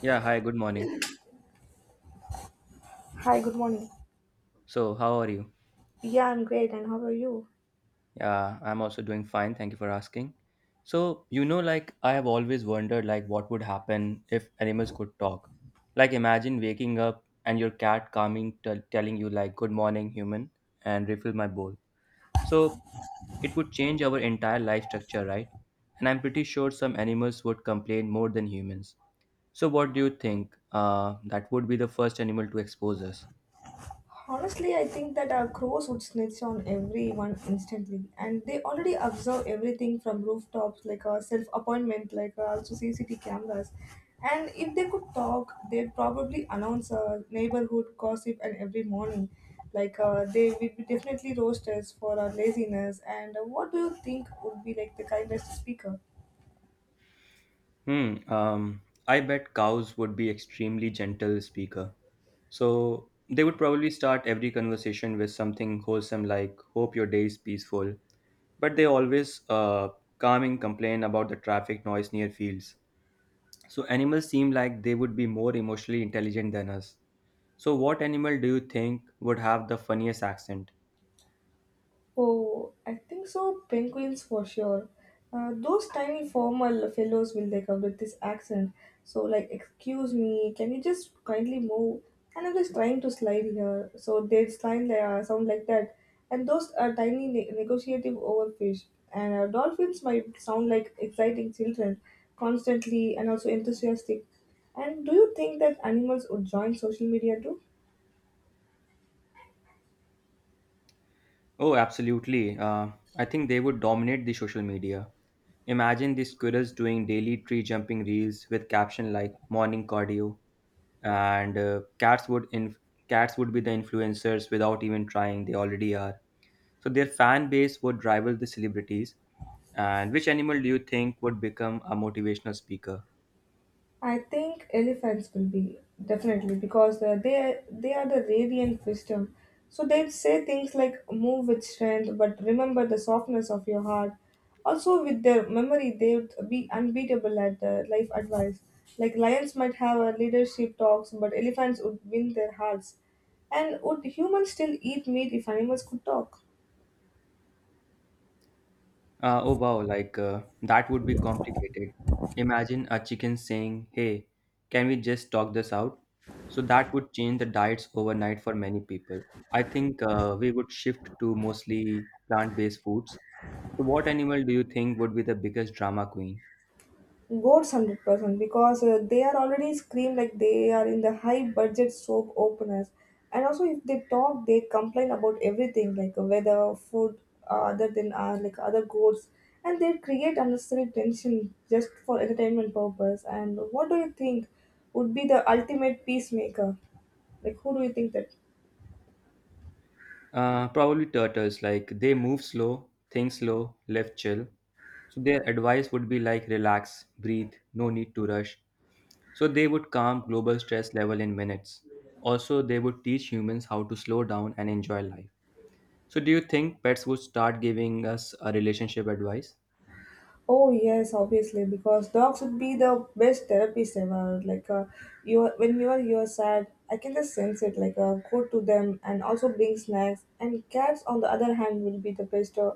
Yeah, hi, good morning. Hi, good morning. So, how are you? Yeah, I'm great. And how are you? Yeah, I'm also doing fine. Thank you for asking. So, like I have always wondered like what would happen if animals could talk. Like imagine waking up and your cat coming telling you like good morning, human, and refill my bowl. So, it would change our entire life structure, right? And I'm pretty sure some animals would complain more than humans. So, what do you think? That would be the first animal to expose us. Honestly, I think that our crows would snitch on everyone instantly, and they already observe everything from rooftops, like a self-appointment, like also CCTV cameras. And if they could talk, they'd probably announce a neighborhood gossip and every morning, like they would be definitely roast us for our laziness. And what do you think would be like the kindest speaker? Hmm. I bet cows would be extremely gentle speaker. So they would probably start every conversation with something wholesome like "Hope your day is peaceful." But they always calming complain about the traffic noise near fields. So animals seem like they would be more emotionally intelligent than us. So what animal do you think would have the funniest accent? Oh, I think so. Penguins for sure. Those tiny formal fellows will they come with this accent. So like, excuse me, can you just kindly move? And I'm just trying to slide here. So they slide like, sound like that. And those are tiny negotiative overfish. And dolphins might sound like exciting children, constantly and also enthusiastic. And do you think that animals would join social media too? Oh, absolutely. I think they would dominate the social media. Imagine these squirrels doing daily tree jumping reels with caption like morning cardio, and cats would be the influencers without even trying they already are. So their fan base would rival the celebrities. And which animal do you think would become a motivational speaker? I think elephants will be definitely because they are the radiant wisdom. So they say things like "Move with strength, but remember the softness of your heart." Also, with their memory, they would be unbeatable at life advice. Like lions might have a leadership talks, but elephants would win their hearts. And would humans still eat meat if animals could talk? Oh wow, like that would be complicated. Imagine a chicken saying, Hey, can we just talk this out? So that would change the diets overnight for many people. I think we would shift to mostly plant based foods. So, what animal do you think would be the biggest drama queen? Goats 100% because they are already scream like they are in the high budget soap openers. And also, if they talk, they complain about everything like weather, food, other than like other goats, and they create unnecessary tension just for entertainment purpose. And what do you think would be the ultimate peacemaker? Like, who do you think that? Probably turtles, like they move slow, think slow, live chill. So, their advice would be like relax, breathe, no need to rush. So they would calm global stress level in minutes. Also, they would teach humans how to slow down and enjoy life. So do you think pets would start giving us a relationship advice? Oh yes, obviously, because dogs would be the best therapist ever. Like, when you are sad, I can just sense it. Like, go to them and also bring snacks. And cats, on the other hand, will be the best,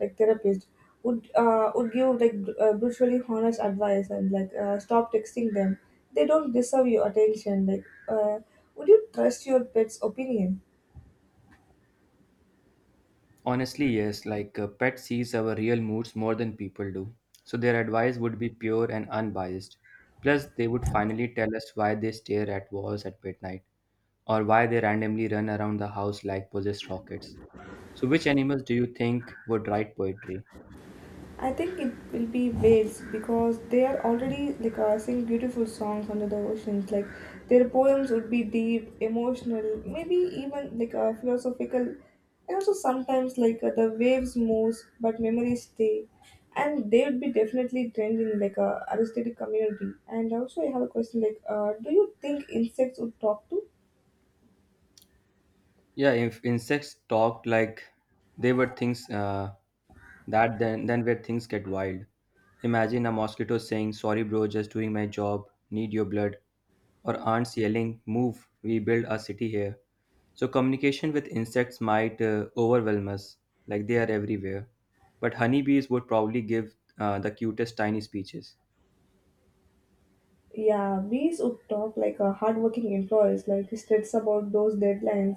like therapist. Would give like brutally honest advice and like stop texting them. They don't deserve your attention. Like, would you trust your pet's opinion? Honestly, yes, like a pet sees our real moods more than people do. So their advice would be pure and unbiased. Plus, they would finally tell us why they stare at walls at midnight or why they randomly run around the house like possessed rockets. So which animals do you think would write poetry? I think it will be waves because they are already like sing beautiful songs under the oceans. Like their poems would be deep, emotional, maybe even like philosophical, and also sometimes like the waves moves but memories stay. And they would be definitely trending like a artistic community. And also I have a question like, do you think insects would talk to? Yeah, if insects talked like they were things that then where things get wild. Imagine a mosquito saying, "Sorry, bro, just doing my job. Need your blood," or ants yelling, "Move! We build a city here." So communication with insects might overwhelm us, like they are everywhere. But honeybees would probably give the cutest tiny speeches. Yeah, bees would talk like a hardworking employees, like he states about those deadlines,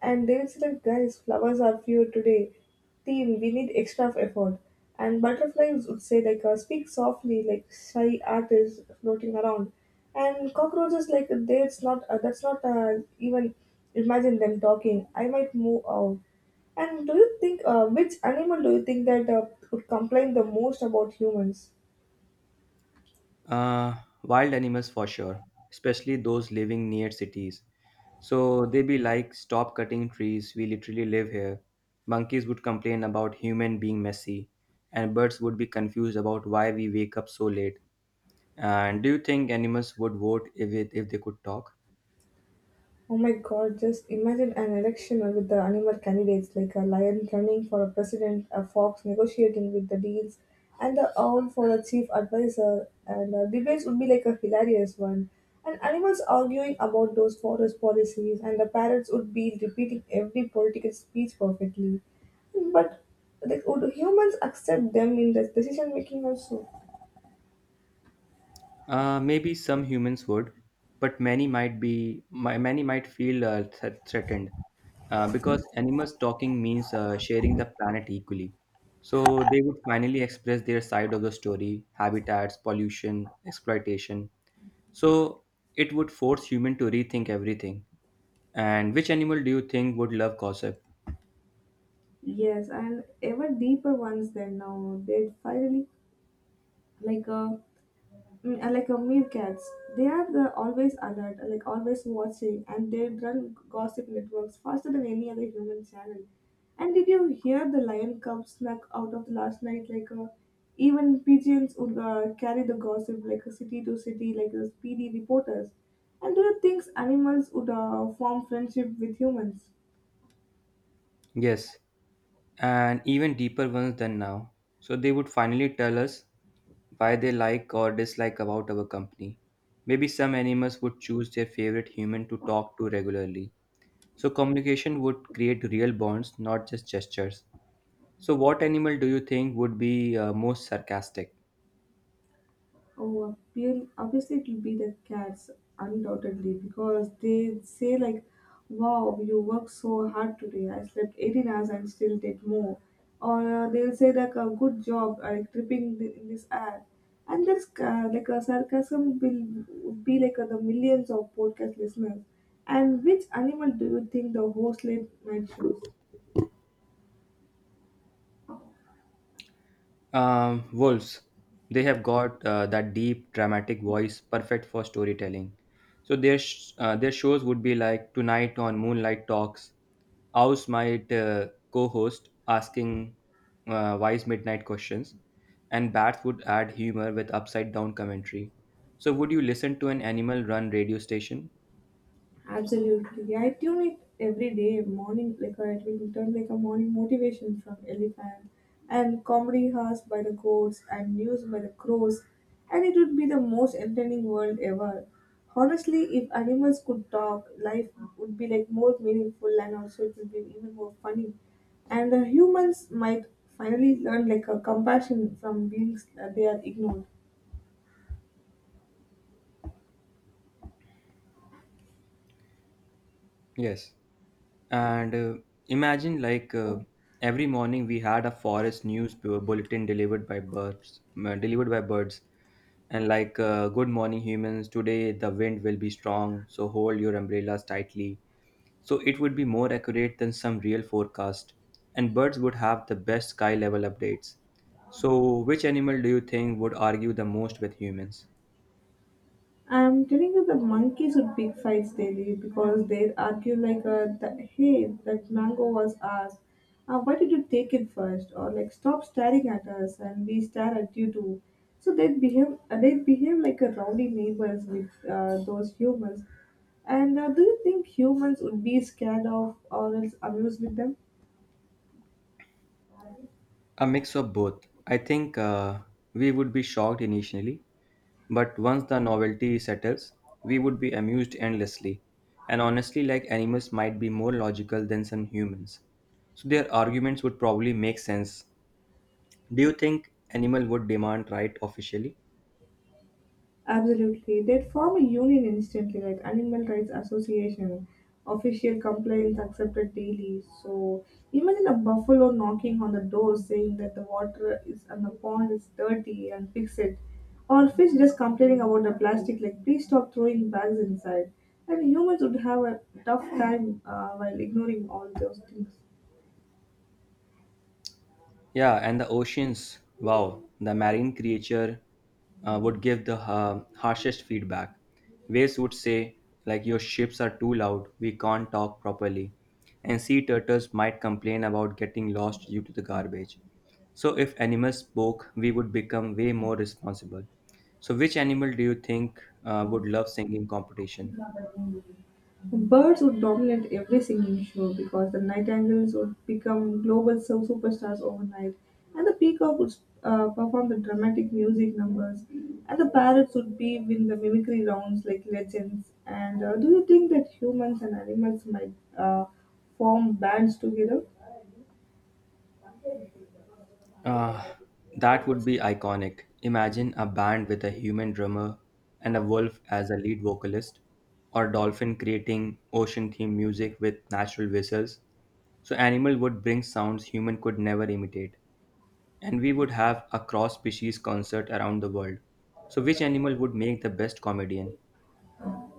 and they will say like, guys, flowers are few today. Team, we need extra of effort. And butterflies would say like, speak softly, like shy artists floating around. And cockroaches like, that's not even imagine them talking. I might move out. And do you think which animal do you think that would complain the most about humans? Uh, Wild animals for sure, especially those living near cities. So they be like, stop cutting trees, we literally live here. Monkeys would complain about human being messy, and birds would be confused about why we wake up so late. And do you think animals would vote if they could talk? Oh my god, just imagine an election with the animal candidates like a lion running for a president, a fox negotiating with the deals, and the owl for a chief advisor. And debates would be like a hilarious one. And animals arguing about those forest policies, and the parrots would be repeating every political speech perfectly. But like, would humans accept them in the decision making also? Maybe some humans would, but many might feel threatened because animals talking means sharing the planet equally. So they would finally express their side of the story: habitats, pollution, exploitation. So it would force human to rethink everything. And which animal do you think would love gossip? Yes, and ever deeper ones. Than now they'd finally like a and like meerkats, they are the always alert like always watching, and they run gossip networks faster than any other human channel, and did you hear the lion cub snuck out of the last night like even pigeons would carry the gossip like a city to city like the speedy reporters. And do you think animals would form friendship with humans? Yes, and even deeper ones than now. So they would finally tell us why they like or dislike about our company. Maybe some animals would choose their favorite human to talk to regularly. So communication would create real bonds, not just gestures. So what animal do you think would be most sarcastic? Oh, obviously it will be the cats, undoubtedly, because they say like, "Wow, you worked so hard today. I slept 18 hours and still did more," or they'll say like, "A good job, like tripping in this ad," and this like a sarcasm will would be like the millions of podcast listeners. And which animal do you think the host late night shows? Wolves, they have got that deep, dramatic voice, perfect for storytelling. So their their shows would be like tonight on Moonlight Talks. Ours might co-host asking wise midnight questions, and Bats would add humor with upside down commentary. So would you listen to an animal run radio station? Absolutely. I tune it every day, morning, like I it will return like a morning motivation from Elephant, and comedy house by the goats, and news by the crows, and it would be the most entertaining world ever. Honestly, if animals could talk, life would be like more meaningful and also it would be even more funny. And the humans might finally learn like a compassion from beings that they are ignored. Yes. And imagine, like, every morning we had a forest news bulletin delivered by birds, and like, "Good morning, humans. Today the wind will be strong, so hold your umbrellas tightly." So it would be more accurate than some real forecast, and birds would have the best sky level updates. So, which animal do you think would argue the most with humans? I'm telling you, the monkeys would pick fights daily because they'd argue like, that, hey, that mango was ours. Why did you take it first?" Or like, stop staring at us and we stare at you too. So they'd behave like a rowdy neighbors with those humans. And do you think humans would be scared of or else amused with them? A mix of both. I think we would be shocked initially, but once the novelty settles, we would be amused endlessly, and honestly, like animals might be more logical than some humans. So their arguments would probably make sense. Do you think animal would demand right officially? Absolutely. They'd form a union instantly, like Animal Rights Association. Official complaints accepted daily. So imagine a buffalo knocking on the door saying that the water is and the pond is dirty and fix it. Or fish just complaining about the plastic, like please stop throwing bags inside. And humans would have a tough time while ignoring all those things. Yeah, and the oceans. Wow, the marine creature would give the harshest feedback. Waves would say, like, your ships are too loud, we can't talk properly. And sea turtles might complain about getting lost due to the garbage. So, if animals spoke, we would become way more responsible. So, which animal do you think would love singing competition? Birds would dominate every singing show because the nightingales would become global superstars overnight, and the peacock would perform the dramatic music numbers, and the parrots would be win the mimicry rounds like legends. And do you think that humans and animals might uh, form bands together? Uh, that would be iconic. Imagine a band with a human drummer and a wolf as a lead vocalist, or dolphin creating ocean themed music with natural whistles. So, animal would bring sounds human could never imitate, and we would have a cross species concert around the world. So, which animal would make the best comedian?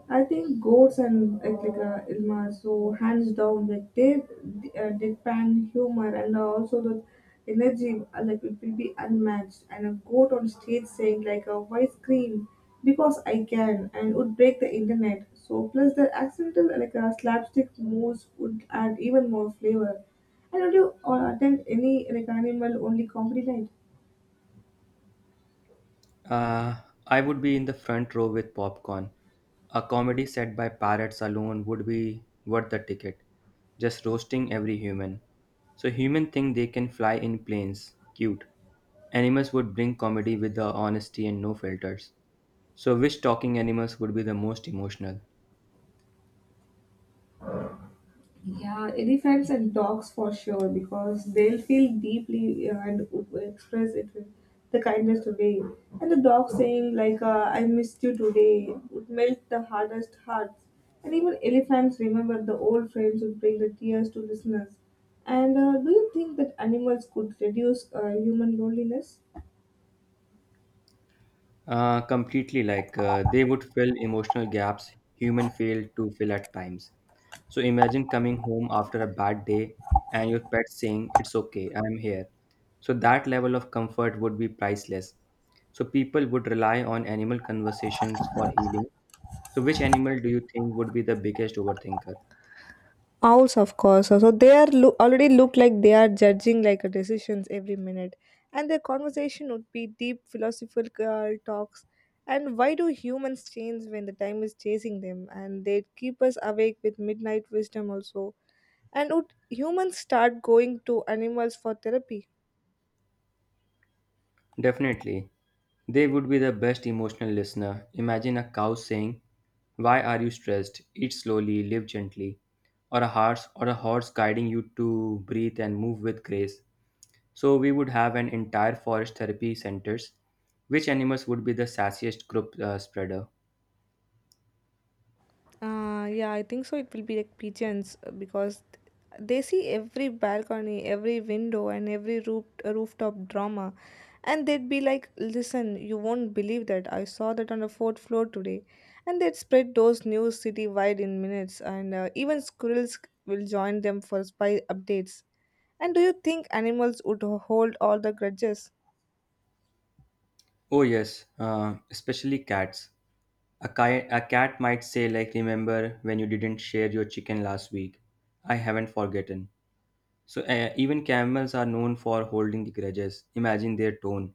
I think Goats and Eklika Ilma, so hands down, like their deadpan humor and also the energy, like it will be unmatched. And a goat on stage saying like a why scream because I can and would break the internet. So plus the accidental like a slapstick moves would add even more flavor. And would you attend any like animal only comedy night? Uh, I would be in the front row with popcorn. A comedy set by parrots alone would be worth the ticket, just roasting every human. So humans think they can fly in planes. Cute. Animals would bring comedy with the honesty and no filters. So which talking animals would be the most emotional? Yeah, elephants and dogs for sure because they'll feel deeply and would express it in the kindest way. And the dog saying like "I missed you today" would melt the hardest hearts. And even elephants remember the old friends would bring the tears to listeners. And do you think that animals could reduce human loneliness? Completely like they would fill emotional gaps human fail to fill at times. So imagine coming home after a bad day and your pet saying, It's okay, I'm here. So that level of comfort would be priceless. So people would rely on animal conversations for healing. So which animal do you think would be the biggest overthinker? Owls, of course. So they are already look like they are judging like a decisions every minute, and their conversation would be deep philosophical talks. And why do humans change when the time is chasing them? And they keep us awake with midnight wisdom also. And would humans start going to animals for therapy? Definitely. They would be the best emotional listener. Imagine a cow saying, "Why are you stressed? Eat slowly, live gently." Or a horse guiding you to breathe and move with grace. So we would have an entire forest therapy centers. Which animals would be the sassiest group spreader? Yeah, I think so. It will be like pigeons because they see every balcony, every window, and every rooftop drama, and they'd be like, "Listen, you won't believe that I saw that on the 4th floor today," and they'd spread those news city wide in minutes, and even squirrels will join them for spy updates. And do you think animals would hold all the grudges? Oh yes, especially cats. A cat might say like, "Remember when you didn't share your chicken last week? I haven't forgotten." So even camels are known for holding the grudges. Imagine their tone.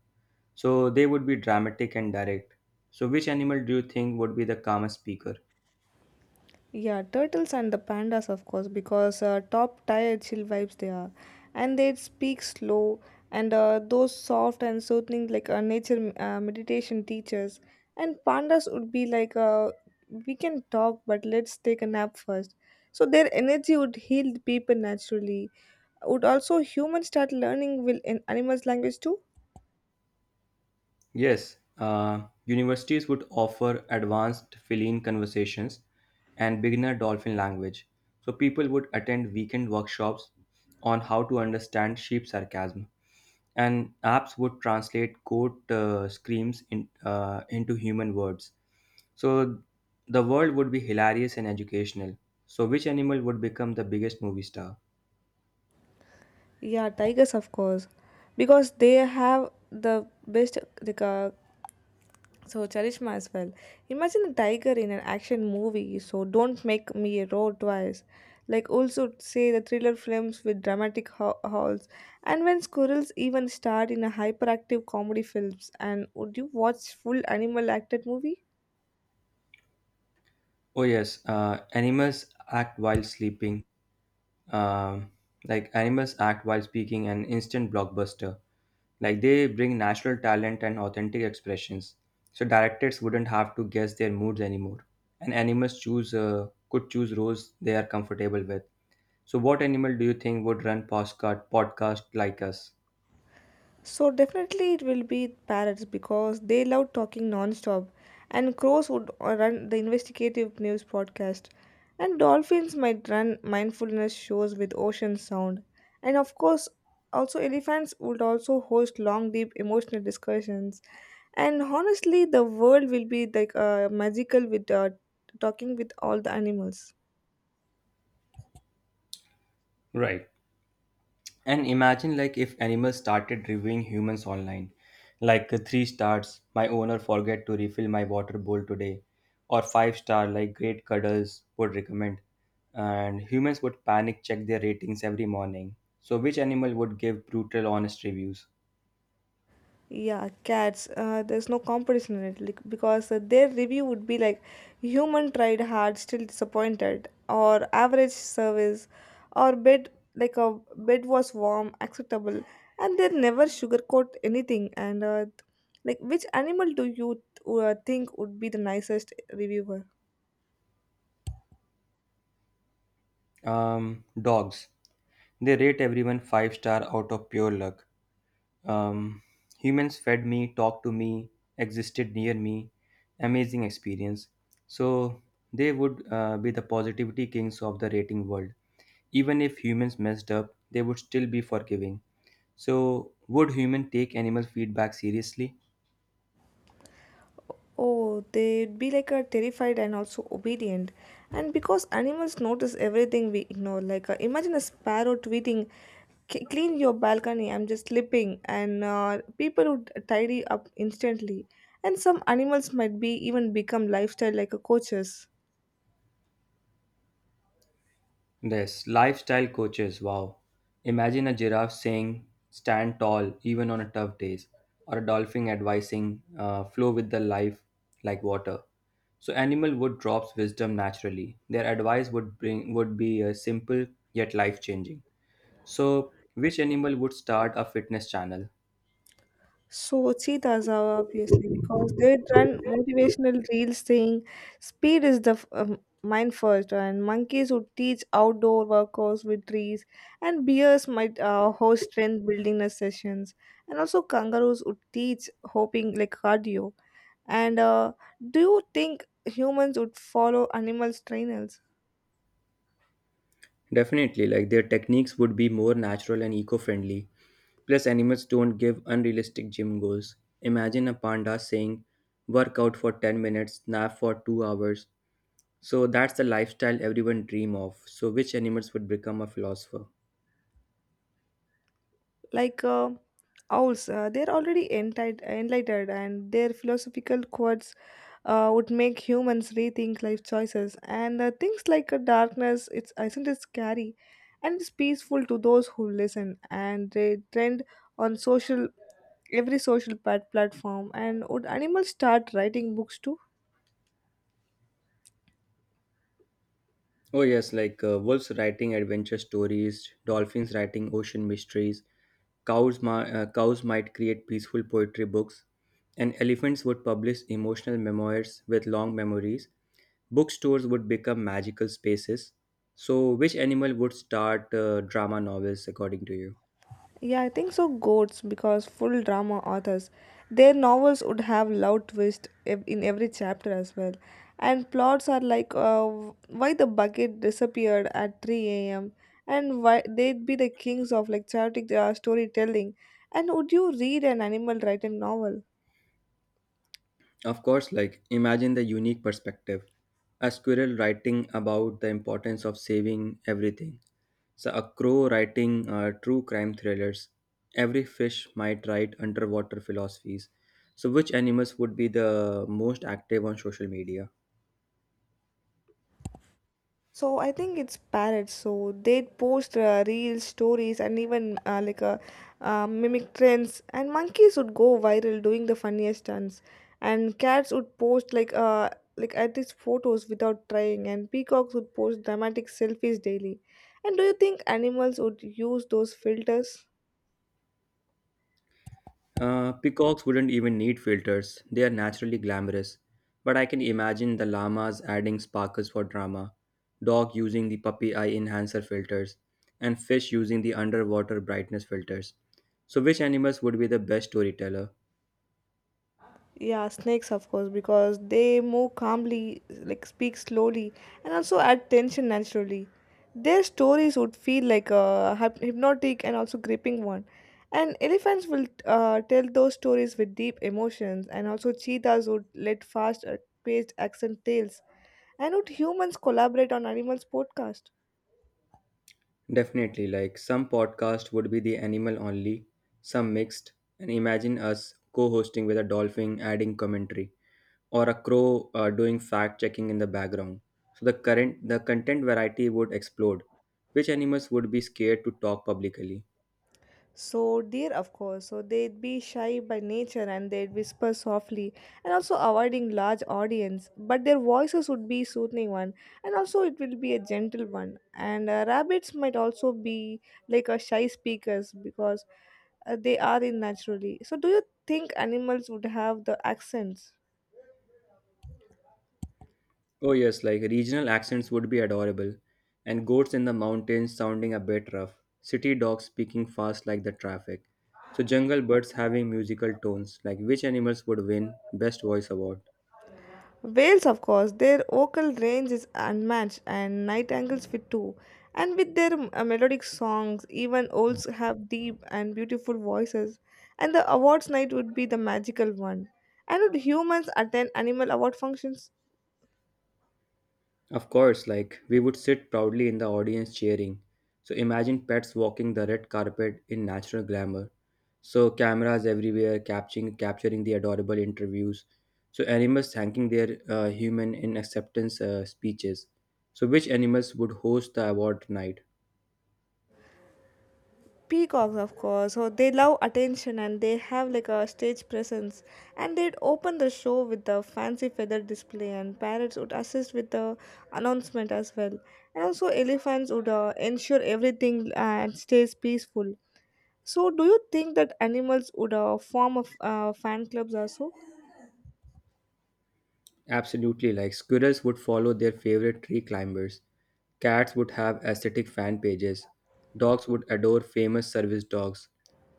So they would be dramatic and direct. So which animal do you think would be the calmest speaker? Yeah, turtles and the pandas, of course, because top tier chill vibes they are, and they speak slow and those soft and soothing like nature meditation teachers. And pandas would be like, we can talk, but let's take a nap first. So their energy would heal the people naturally. Would also humans start learning will in animals language too? Yes, universities would offer advanced feline conversations and beginner dolphin language, so people would attend weekend workshops on how to understand sheep sarcasm. And apps would translate goat screams into human words. So the world would be hilarious and educational. So, which animal would become the biggest movie star? Yeah, tigers, of course, because they have the best like so Charishma as well. Imagine a tiger in an action movie. So don't make me roar twice. Like also say the thriller films with dramatic halls, and when squirrels even starred in a hyperactive comedy films. And would you watch full animal acted movie? Oh, yes, animals act while sleeping. Um, like animals act while speaking an instant blockbuster. Like they bring natural talent and authentic expressions. So directors wouldn't have to guess their moods anymore. And animals choose could choose roles they are comfortable with. So what animal do you think would run postcard podcast like us? So definitely it will be parrots because they love talking non-stop, and crows would run the investigative news podcast, and dolphins might run mindfulness shows with ocean sound, and of course also elephants would also host long deep emotional discussions, and honestly the world will be like magical with talking with all the animals. Right. And imagine like if animals started reviewing humans online. Like 3 stars, my owner forget to refill my water bowl today. Or five-star, like great cuddles would recommend. And humans would panic check their ratings every morning. So which animal would give brutal honest reviews? Yeah, cats. There's no competition in it like, because their review would be like human tried hard, still disappointed, or average service, or bed like a bed was warm, acceptable, and they never sugarcoat anything. And like, which animal do you think would be the nicest reviewer? Dogs. They rate everyone five-star out of pure luck. Um, Humans fed me, talked to me, existed near me. Amazing experience. So they would be the positivity kings of the rating world. Even if humans messed up, they would still be forgiving. So would human take animal feedback seriously? Oh, they'd be like a terrified and also obedient. And because animals notice everything we ignore, like imagine a sparrow tweeting, "Clean your balcony, I'm just sleeping," and people would tidy up instantly. And some animals might be even become lifestyle like a coaches. Yes, lifestyle coaches. Wow. Imagine a giraffe saying stand tall even on a tough days or a dolphin advising flow with the life like water. So animal would drops wisdom naturally. Their advice would be simple yet life changing. So which animal would start a fitness channel? Sochi Dazawa, obviously, because they run motivational reels saying speed is the mind first, and monkeys would teach outdoor workouts with trees, and bears might host strength building sessions, and also kangaroos would teach hopping like cardio. And do you think humans would follow animals' trainers Definitely, like their techniques would be more natural and eco-friendly. Plus, animals don't give unrealistic gym goals. Imagine a panda saying, "Work out for 10 minutes, nap for 2 hours." So that's the lifestyle everyone dream of. So which animals would become a philosopher? like owls? They're already entitled, enlightened, and their philosophical quotes would make humans rethink life choices. And things like darkness, it's isn't it scary, and it's peaceful to those who listen. And they trend on social every social platform. And would animals start writing books too? Oh yes, like wolves writing adventure stories, dolphins writing ocean mysteries, cows might create peaceful poetry books, and elephants would publish emotional memoirs with long memories. Bookstores would become magical spaces. So, which animal would start drama novels according to you? Yeah, I think so. Goats, because full drama authors, their novels would have loud twist in every chapter as well, and plots are like why the bucket disappeared at three a.m. and why they'd be the kings of like chaotic storytelling. And would you read an animal written novel? Of course, like imagine the unique perspective. A squirrel writing about the importance of saving everything. So a crow writing true crime thrillers. Every fish might write underwater philosophies. So which animals would be the most active on social media? So I think it's parrots. So they post real stories and even mimic trends. And monkeys would go viral doing the funniest stunts. And cats would post like at least photos without trying. And peacocks would post dramatic selfies daily. And do you think animals would use those filters? Peacocks wouldn't even need filters, they are naturally glamorous. But I can imagine the llamas adding sparkles for drama, dog using the puppy eye enhancer filters, and fish using the underwater brightness filters. So, which animals would be the best storyteller? Yeah, snakes, of course, because they move calmly, like speak slowly, and also add tension naturally. Their stories would feel like a hypnotic and also gripping one. And elephants will tell those stories with deep emotions, and also cheetahs would let fast, paced accent tales. And would humans collaborate on animals' podcast? Definitely, like some podcast would be the animal only, some mixed, and imagine us co hosting with a dolphin adding commentary, or a crow doing fact checking in the background. So the content variety would explode. Which animals would be scared to talk publicly? So deer, of course, so they'd be shy by nature and they'd whisper softly and also avoiding large audience. But their voices would be soothing one, and also it will be a gentle one. And rabbits might also be like a shy speakers because they are in naturally. So do you think animals would have the accents? Oh yes, like regional accents would be adorable, and goats in the mountains sounding a bit rough, city dogs speaking fast like the traffic. So jungle birds having musical tones, like which animals would win best voice award? Whales, of course, their vocal range is unmatched and nightingales fit too. And with their melodic songs, even owls have deep and beautiful voices. And the awards night would be the magical one. And would humans attend animal award functions? Of course, like we would sit proudly in the audience cheering. So imagine pets walking the red carpet in natural glamour. So cameras everywhere capturing the adorable interviews. So animals thanking their human in acceptance speeches. So which animals would host the award night? Peacocks, of course, so they love attention and they have like a stage presence. And they'd open the show with the fancy feather display, and parrots would assist with the announcement as well. And also, elephants would ensure everything and stays peaceful. So, do you think that animals would form a fan clubs also? Absolutely, like squirrels would follow their favorite tree climbers. Cats would have aesthetic fan pages. Dogs would adore famous service dogs.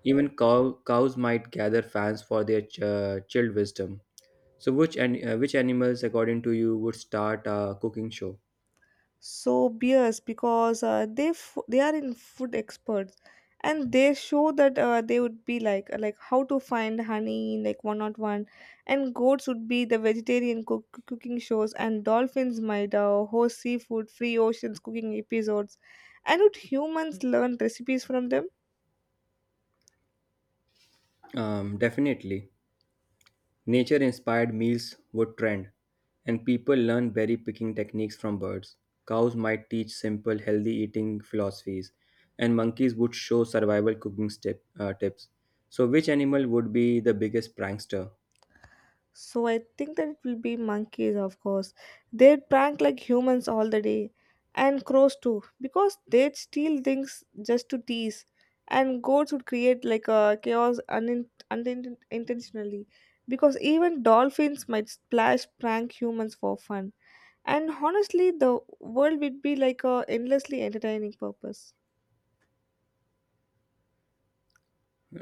Even cows might gather fans for their chilled wisdom. So, which animals, according to you, would start a cooking show? So beers because they they are in food experts and they show that they would be like how to find honey in like one, on one, and goats would be the vegetarian cooking shows and dolphins might host seafood free oceans cooking episodes. And would humans learn recipes from them? Definitely, nature-inspired meals would trend, and people learn berry picking techniques from birds. Cows might teach simple, healthy eating philosophies, and monkeys would show survival cooking tips. So, which animal would be the biggest prankster? So I think that it will be monkeys, of course. They'd prank like humans all the day, and crows too, because they'd steal things just to tease. And goats would create like a chaos intentionally, because even dolphins might splash prank humans for fun. And honestly, the world would be like a endlessly entertaining purpose.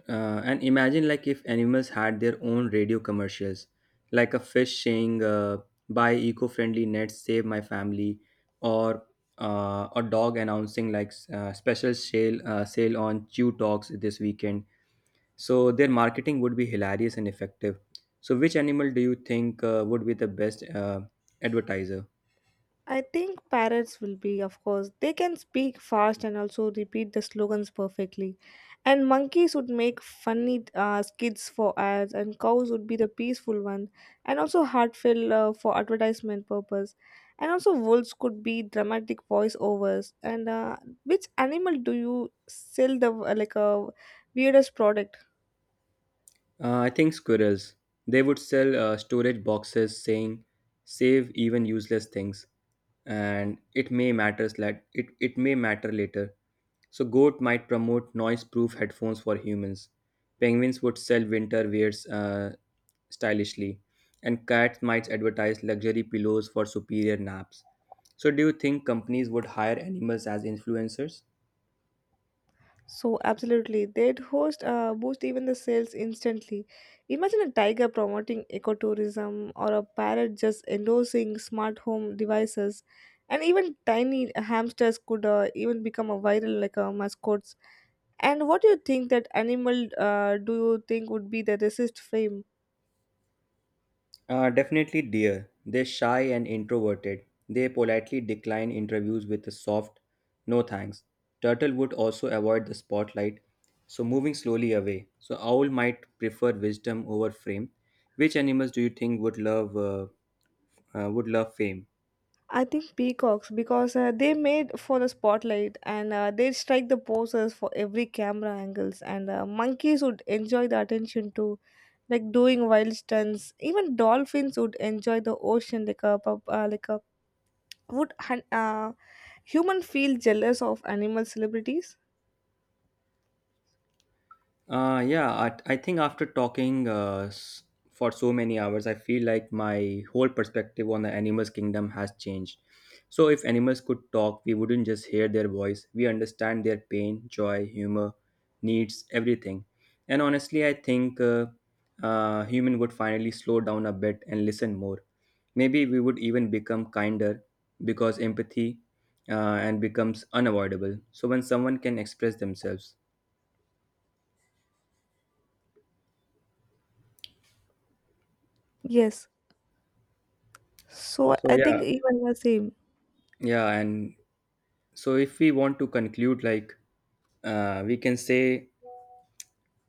And imagine like if animals had their own radio commercials, like a fish saying, "Buy eco-friendly nets, save my family," or a dog announcing like special sale sale on chew dogs this weekend. So their marketing would be hilarious and effective. So which animal do you think would be the best advertiser? I think parrots will be, of course. They can speak fast and also repeat the slogans perfectly. And monkeys would make funny skits for ads, and cows would be the peaceful one, and also heartfelt for advertisement purpose. And also wolves could be dramatic voiceovers. And which animal do you sell the like a weirdest product? I think squirrels. They would sell storage boxes saying save even useless things and it may matter, that it may matter later. So goat might promote noise-proof headphones for humans. Penguins would sell winter wears stylishly, and cats might advertise luxury pillows for superior naps. So do you think companies would hire animals as influencers? So absolutely, they'd host boost even the sales instantly. Imagine a tiger promoting ecotourism or a parrot just endorsing smart home devices, and even tiny hamsters could even become a viral mascots. And what do you think that animal do you think would be the resist fame? Definitely dear. They're shy and introverted. They politely decline interviews with a soft no thanks. Turtle would also avoid the spotlight, so moving slowly away. So owl might prefer wisdom over fame. Which animals do you think would love fame? I think peacocks because they made for the spotlight and they strike the poses for every camera angles and monkeys would enjoy the attention too like doing wild stunts. Even dolphins would enjoy the ocean like a would hun- uh, human feel jealous of animal celebrities? Yeah, I think after talking for so many hours, I feel like my whole perspective on the animals' kingdom has changed. So, if animals could talk, we wouldn't just hear their voice, we understand their pain, joy, humor, needs, everything. And honestly, I think human would finally slow down a bit and listen more. Maybe we would even become kinder because empathy and becomes unavoidable. So, when someone can express themselves. Yes. So So, I think yeah, even the same. Yeah, and so if we want to conclude, like we can say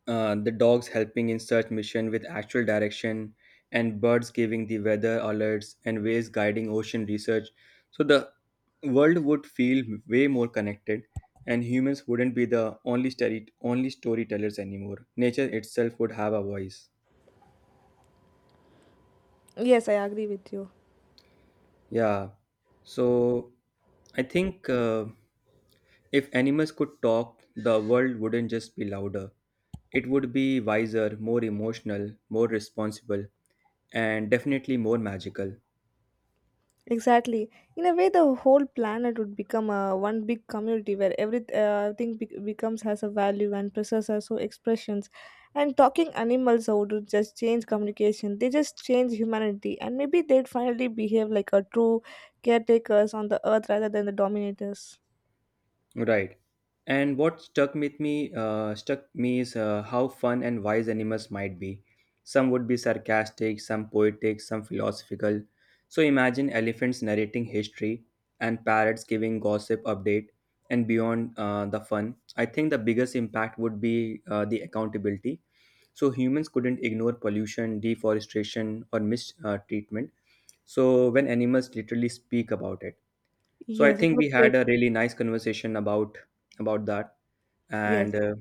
the dogs helping in search mission with actual direction, and birds giving the weather alerts and waves guiding ocean research. So the world would feel way more connected, and humans wouldn't be the only storytellers anymore. Nature itself would have a voice. Yes, I agree with you. Yeah. So I think if animals could talk, the world wouldn't just be louder. It would be wiser, more emotional, more responsible, and definitely more magical. Exactly. In a way, the whole planet would become a one big community where every thing becomes has a value and process has so expressions. And talking animals would just change communication. They just change humanity, and maybe they'd finally behave like a true caretakers on the earth rather than the dominators. Right. And what stuck with me stuck me is how fun and wise animals might be. Some would be sarcastic, some poetic, some philosophical. So imagine elephants narrating history and parrots giving gossip update. And beyond the fun, I think the biggest impact would be the accountability. So humans couldn't ignore pollution, deforestation, or mistreatment. Treatment. So when animals literally speak about it. So I Yes, it think was we great. had a really nice conversation about that, Yes, and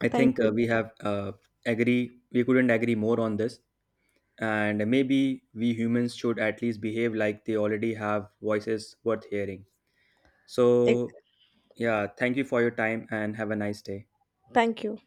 I thank think you. We have agree, we couldn't agree more on this. And maybe we humans should at least behave like they already have voices worth hearing. Eh, So yeah, thank you for your time and have a nice day. Thank you.